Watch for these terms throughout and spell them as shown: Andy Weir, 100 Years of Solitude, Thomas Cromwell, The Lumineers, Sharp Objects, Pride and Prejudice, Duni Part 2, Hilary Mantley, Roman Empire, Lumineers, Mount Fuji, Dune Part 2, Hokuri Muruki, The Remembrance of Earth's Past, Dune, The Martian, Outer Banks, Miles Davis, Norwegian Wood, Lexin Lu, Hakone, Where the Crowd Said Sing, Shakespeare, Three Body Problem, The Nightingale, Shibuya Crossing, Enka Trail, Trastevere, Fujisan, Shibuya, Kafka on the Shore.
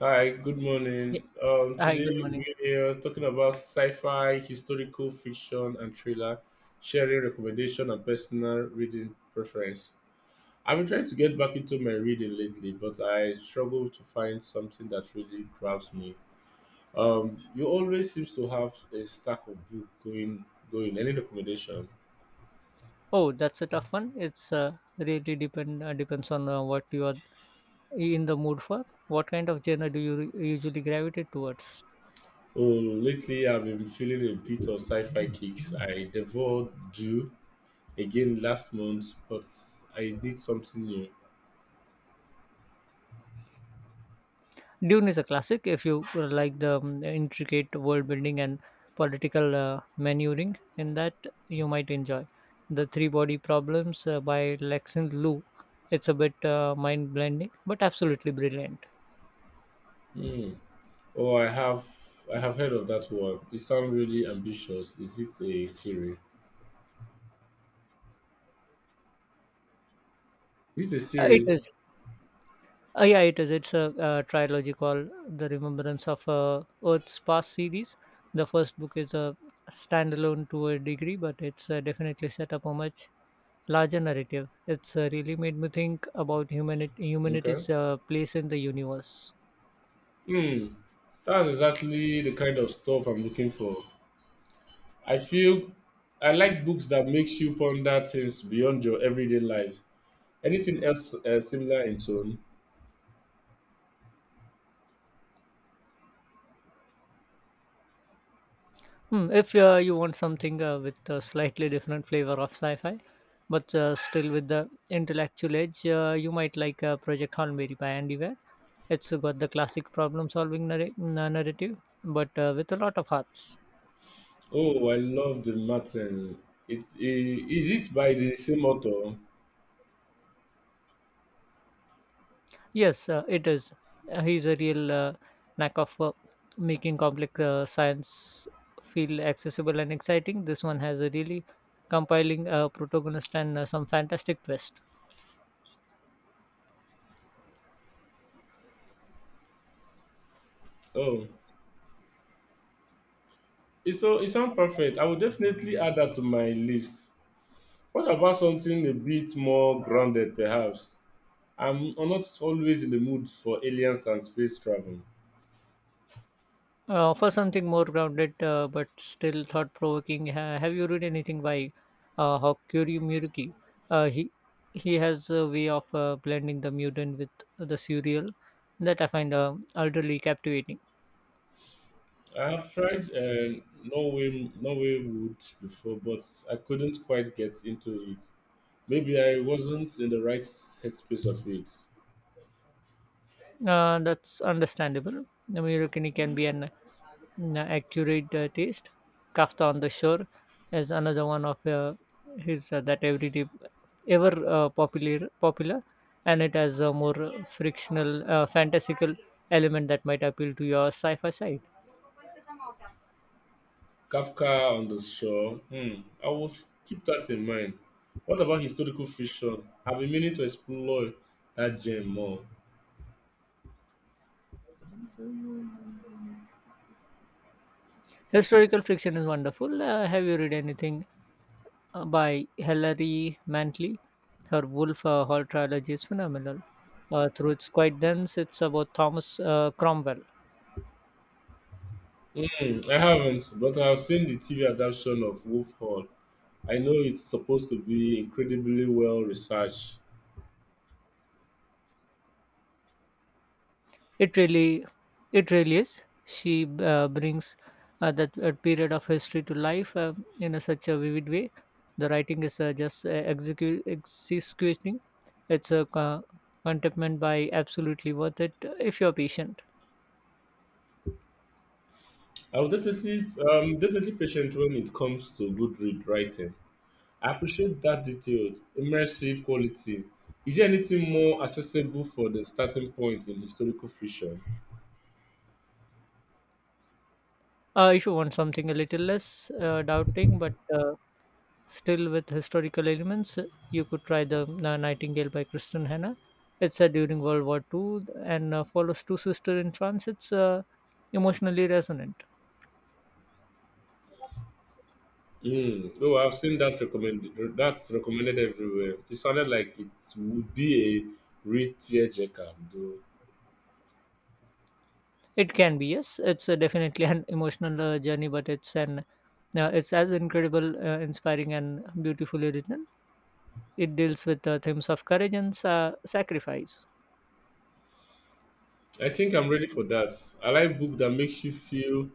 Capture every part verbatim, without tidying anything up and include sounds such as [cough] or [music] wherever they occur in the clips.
Hi, good Yeah. morning. Um, Hi, Today good morning. we are talking about sci-fi, historical fiction, and thriller, sharing recommendation and personal reading preference. I've been trying to get back into my reading lately, but I struggle to find something that really grabs me. Um, you always seems to have a stack of book going going. Any recommendation? Oh, that's a tough one. It's uh, really depend uh, depends on uh, what you are in the mood for. What kind of genre do you re- usually gravitate towards? Oh, lately I've been feeling a bit of sci-fi kicks. I devoured Do again last month, but I need something new. Dune is a classic if you uh, like the um, intricate world building and political uh, maneuvering. In that, you might enjoy the Three Body Problems uh, by Lexin Lu. It's a bit uh, mind blending, but absolutely brilliant. Hmm. Oh, I have I have heard of that one. It sounds really ambitious. Is it a series? Is it a Uh, it series? is. Uh, yeah, it is. It's a uh, trilogy called The Remembrance of uh, Earth's Past series. The first book is a standalone to a degree, but it's uh, definitely set up a much larger narrative. It's uh, really made me think about humanity, Okay. humanity's uh, place in the universe. Hmm. That's exactly the kind of stuff I'm looking for. I feel I like books that makes you ponder things beyond your everyday life. Anything else uh, similar in tone? Hmm, if uh, you want something uh, with a slightly different flavor of sci-fi, but uh, still with the intellectual edge, uh, you might like uh, Project Hornberry by Andy Weir. It's got the classic problem-solving narra- na- narrative, but uh, with a lot of hearts. Oh, I love the Martin. It, i- Is it by the same author? Yes, uh, it is. Uh, he's a real uh, knack of uh, making complex uh, science feel accessible and exciting. This one has a really compiling uh, protagonist and uh, some fantastic twist. Oh, it's so it sounds perfect. I will definitely add that to my list. What about something a bit more grounded, perhaps? I'm not always in the mood for aliens and space travel. Uh, for something more grounded uh, but still thought provoking, ha- have you read anything by uh, Hokuri Muruki? Uh, he he has a way of uh, blending the modern with the surreal that I find uh, utterly captivating. I have tried uh, Norway, Norway wood before, but I couldn't quite get into it. Maybe I wasn't in the right headspace of it. Uh, that's understandable. Muruki can be an Mm, accurate uh, taste. Kafta on the Shore is another one of uh, his uh, that every day ever uh, popular popular, and it has a more frictional, uh, fantastical element that might appeal to your sci-fi side. Kafka on the shore. Hmm. I will keep that in mind. What about historical fiction? I've been meaning to explore that gem more. Historical fiction is wonderful. Uh, have you read anything uh, by Hilary Mantley? Her Wolf uh, Hall trilogy is phenomenal. Uh, through it's quite dense. It's about Thomas uh, Cromwell. Mm, I haven't, but I've seen the T V adaptation of Wolf Hall. I know it's supposed to be incredibly well researched. It really, it really is. She uh, brings uh, that uh, period of history to life uh, in a, such a vivid way. The writing is uh, just uh, execu- executing. It's a uh, contentment by absolutely worth it uh, if you're patient. I'll definitely, um, Definitely patient when it comes to good read writing. I appreciate that detailed, immersive quality. Is there anything more accessible for the starting point in historical fiction? Uh, if you want something a little less uh, doubting, but uh, still with historical elements, uh, you could try the uh, Nightingale by Kristen Hannah. It's set during World War Two and uh, follows two sisters in France. It's uh, emotionally resonant. Mm, oh, I've seen that recommended. That's recommended everywhere. It sounded like it would be a real tearjerker, though. It can be, yes. It's uh, definitely an emotional uh, journey, but it's an uh, it's as incredible, uh, inspiring, and beautifully written. It deals with uh, themes of courage and sa- sacrifice. I think I'm ready for that. I like book that makes you feel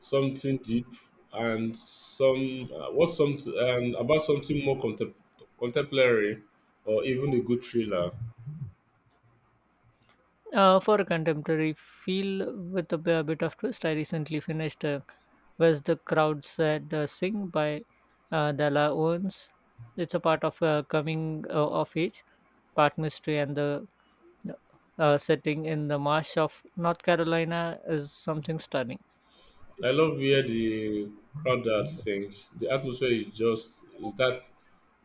something deep and some uh, what's some and about something more contem- contemporary or even a good thriller. Uh, for a contemporary feel with a, b- a bit of twist, I recently finished uh, Where's the Crowd Said uh, Sing by uh, Della Owens. It's a part of uh, coming uh, of age, part mystery, and the uh, setting in the marsh of North Carolina is something stunning. I love where the crowd that sings. The atmosphere is just is that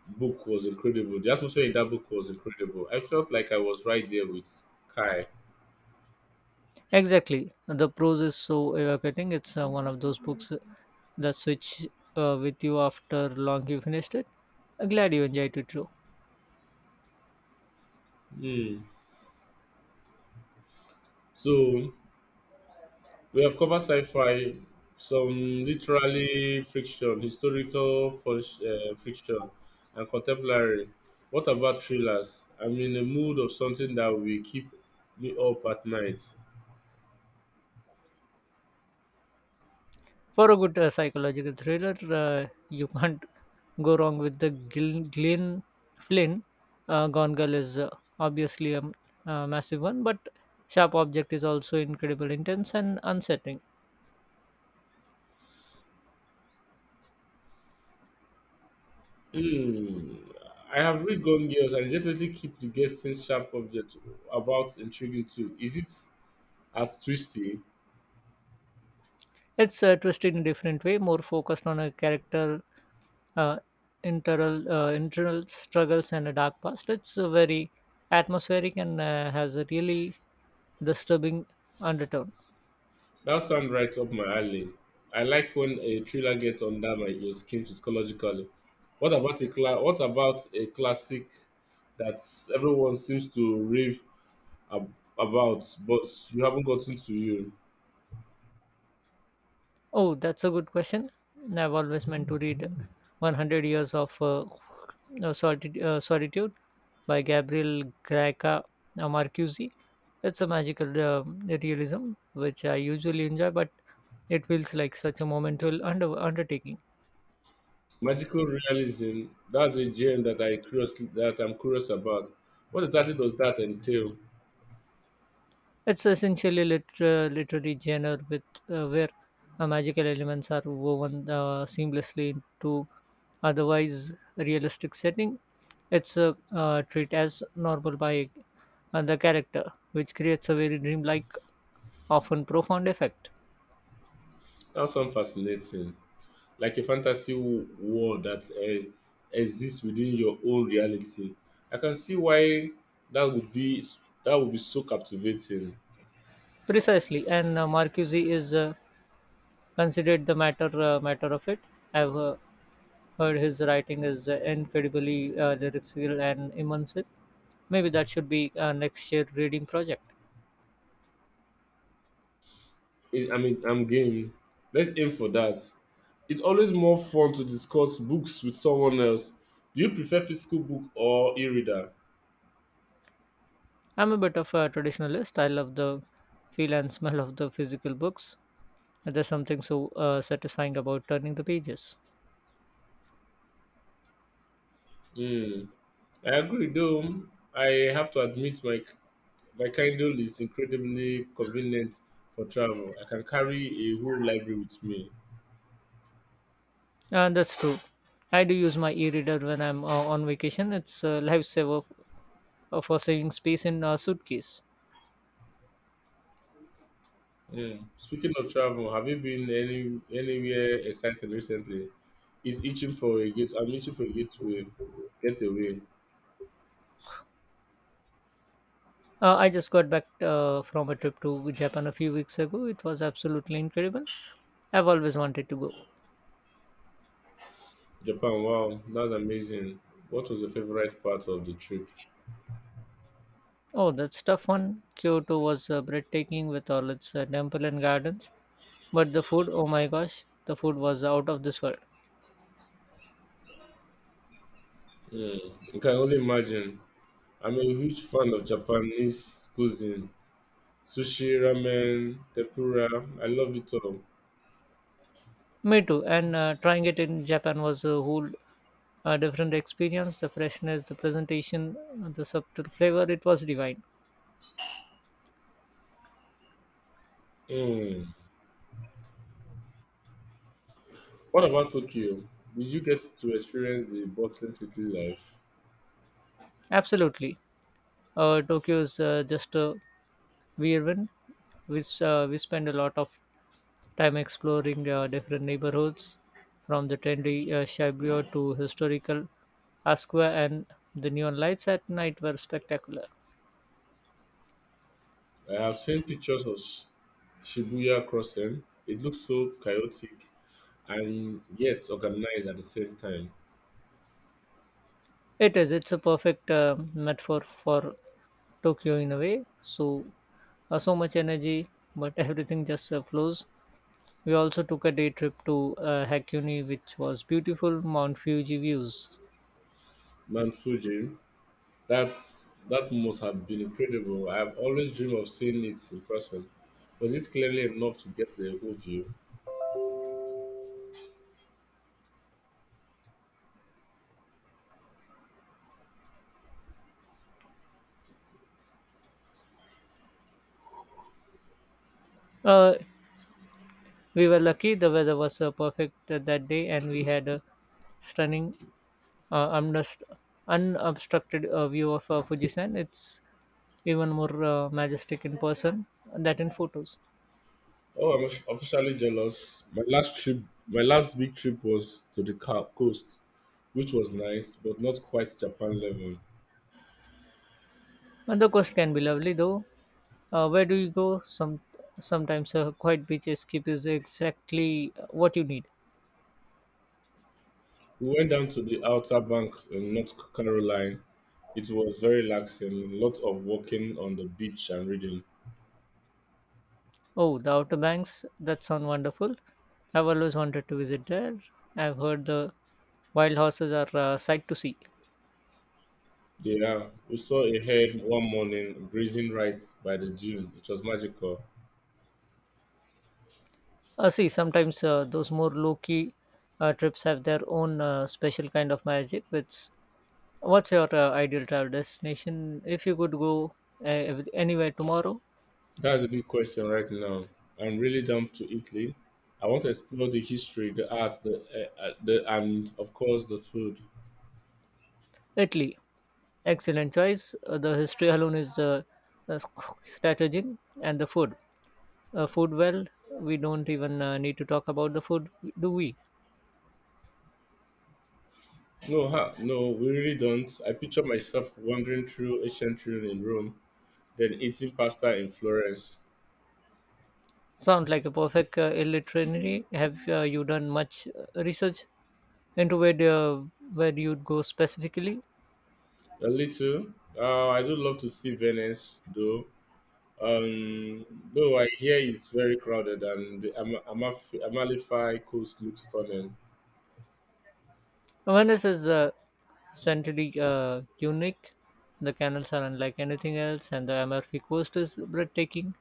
book was incredible. The atmosphere in that book was incredible. I felt like I was right there with Kai. Exactly. The prose is so evocating. It's uh, one of those books that switch uh, with you after long you finished it. I'm glad you enjoyed it too. Hmm. So we have covered sci-fi, some literary fiction, historical fic- uh, fiction, and contemporary. What about thrillers? I'm in the mood of something that will keep me up at night. For a good uh, psychological thriller, uh, you [laughs] can't go wrong with the Gil- Glenn Flynn. Uh, Gone Girl is uh, obviously a, m- a massive one, but Sharp Object is also incredible, intense, and unsettling. Hmm. I have read Gone Girls and it definitely keep the guessing sharp object about intriguing too. Is it as twisty? It's uh, twisted in different way, more focused on a character, uh, internal uh, internal struggles and a dark past. It's uh, very atmospheric and uh, has a really disturbing undertone. That sounds right up my alley. I like when a thriller gets under my your skin psychologically. What about a cla- What about a classic that everyone seems to rave ab- about, but you haven't gotten to you? Oh, that's a good question. I've always meant to read one hundred Years of uh, no, Solitude, uh, Solitude by Gabriel Graca Marcuse. It's a magical uh, realism, which I usually enjoy, but it feels like such a monumental under- undertaking. Magical realism. That's a gem that I curious that I'm curious about. What exactly does that entail? It's essentially liter- literary genre with uh, where uh, magical elements are woven uh, seamlessly into otherwise realistic setting. It's a uh, treat as normal by uh, the character, which creates a very dreamlike, often profound effect. That sounds fascinating. Like a fantasy w- world that uh, exists within your own reality. I can see why that would be that would be so captivating. Precisely, and uh, Marcuse is uh, considered the matter uh, matter of it. I've uh, heard his writing is uh, incredibly uh, lyrical and immersive. Maybe that should be uh, next year reading project. It, I mean, I'm game. Let's aim for that. It's always more fun to discuss books with someone else. Do you prefer physical book or e-reader? I'm a bit of a traditionalist. I love the feel and smell of the physical books. There's something so uh, satisfying about turning the pages. Hmm. I agree, though. I have to admit my my Kindle is incredibly convenient for travel. I can carry a whole library with me. And that's true. I do use my e-reader when I'm uh, on vacation. It's a lifesaver uh, for saving space in a suitcase. Yeah. Speaking of travel, have you been any anywhere exciting recently? It's itching for a get. I'm itching for a getaway. Getaway. Uh, I just got back uh, from a trip to Japan a few weeks ago. It was absolutely incredible. I've always wanted to go. Japan. Wow, that's amazing. What was your favorite part of the trip? Oh, that's tough one. Kyoto was uh, breathtaking with all its uh, temple and gardens, but the food, oh my gosh, the food was out of this world. Mm, I can only imagine. I'm a huge fan of Japanese cuisine, sushi, ramen, tempura. I love it all. Me too. And uh, trying it in Japan was a whole uh, different experience. The freshness, the presentation, the subtle flavor, it was divine. Mm. What about Tokyo? Did you get to experience the bustling city life? Absolutely. Uh, Tokyo is uh, just a whirlwind. We s- uh, we spend a lot of time exploring uh, different neighborhoods from the trendy uh, Shibuya to historical Asqua and the neon lights at night were spectacular. I have seen pictures of Sh- Shibuya Crossing. It looks so chaotic and yet organized at the same time. It is. It's a perfect uh, metaphor for Tokyo in a way. So, uh, so much energy, but [laughs] everything just uh, flows. We also took a day trip to uh, Hakone, which was beautiful Mount Fuji views. Mount Fuji, that's, that must have been incredible. I have always dreamed of seeing it in person. Was it clearly enough to get a whole view? Uh, we were lucky; the weather was uh, perfect uh, that day, and we had a stunning uh, undust- unobstructed uh, view of uh, Fujisan. It's even more uh, majestic in person than in photos. Oh, I'm off- officially jealous. My last trip, my last big trip was to the ca- coast, which was nice, but not quite Japan level. And the coast can be lovely though. Uh, where do you go? Some sometimes a quiet beach escape is exactly uh, what you need. We went down to the Outer Bank in North Carolina. It was very relaxing, lots of walking on the beach and reading. Oh, the Outer Banks. That sounds wonderful. I've always wanted to visit there. I've heard the wild horses are a sight to see. Yeah, we saw a herd one morning grazing right by the dune. It was magical. Uh, see, sometimes uh, those more low key uh, trips have their own uh, special kind of magic, which what's your uh, ideal travel destination if you could go uh, ev- anywhere tomorrow? That's a big question right now. I'm really down to Italy. I want to explore the history, the arts, the, uh, uh, the and of course the food. Italy. Excellent choice. Uh, the history alone is uh, uh, [sniffs] strategic, and the food. Uh, food, well, we don't even uh, need to talk about the food, do we? No, ha, no, we really don't. I picture myself wandering through ancient Rome in Rome, then eating pasta in Florence. Sound like a perfect uh, itinerary. Have uh, you done much uh, research into where the, where you'd go specifically? A little. Uh, I do love to see Venice, though. Um, though I hear it's very crowded and the Ama- Amaf- Amalfi Coast looks stunning. Venice is uh, centrally uh, unique. The canals are unlike anything else, and the Amalfi Coast is breathtaking,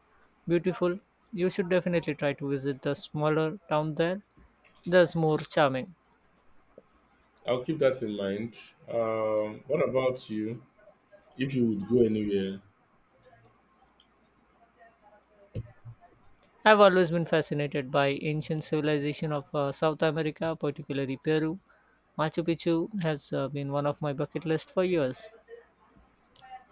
beautiful. You should definitely try to visit the smaller town there. That's more charming. I'll keep that in mind. Um, what about you? If you would go anywhere, I've always been fascinated by ancient civilization of uh, South America, particularly Peru. Machu Picchu has uh, been one of my bucket list for years.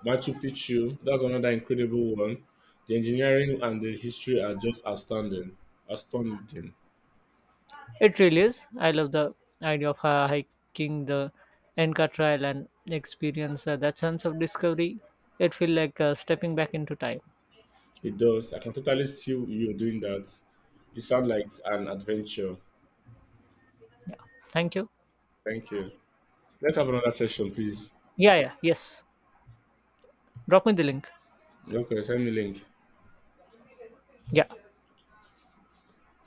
Machu Picchu, that's another incredible one. The engineering and the history are just astounding. Astounding. It really is. I love the idea of uh, hiking the Enka Trail and experience uh, that sense of discovery. It feels like uh, stepping back into time. It does. I can totally see you doing that. You sound like an adventure. Thank you. Thank you. Let's have another session, please. Yeah, yeah, yes. Drop me the link. Ok, send me link. Yeah.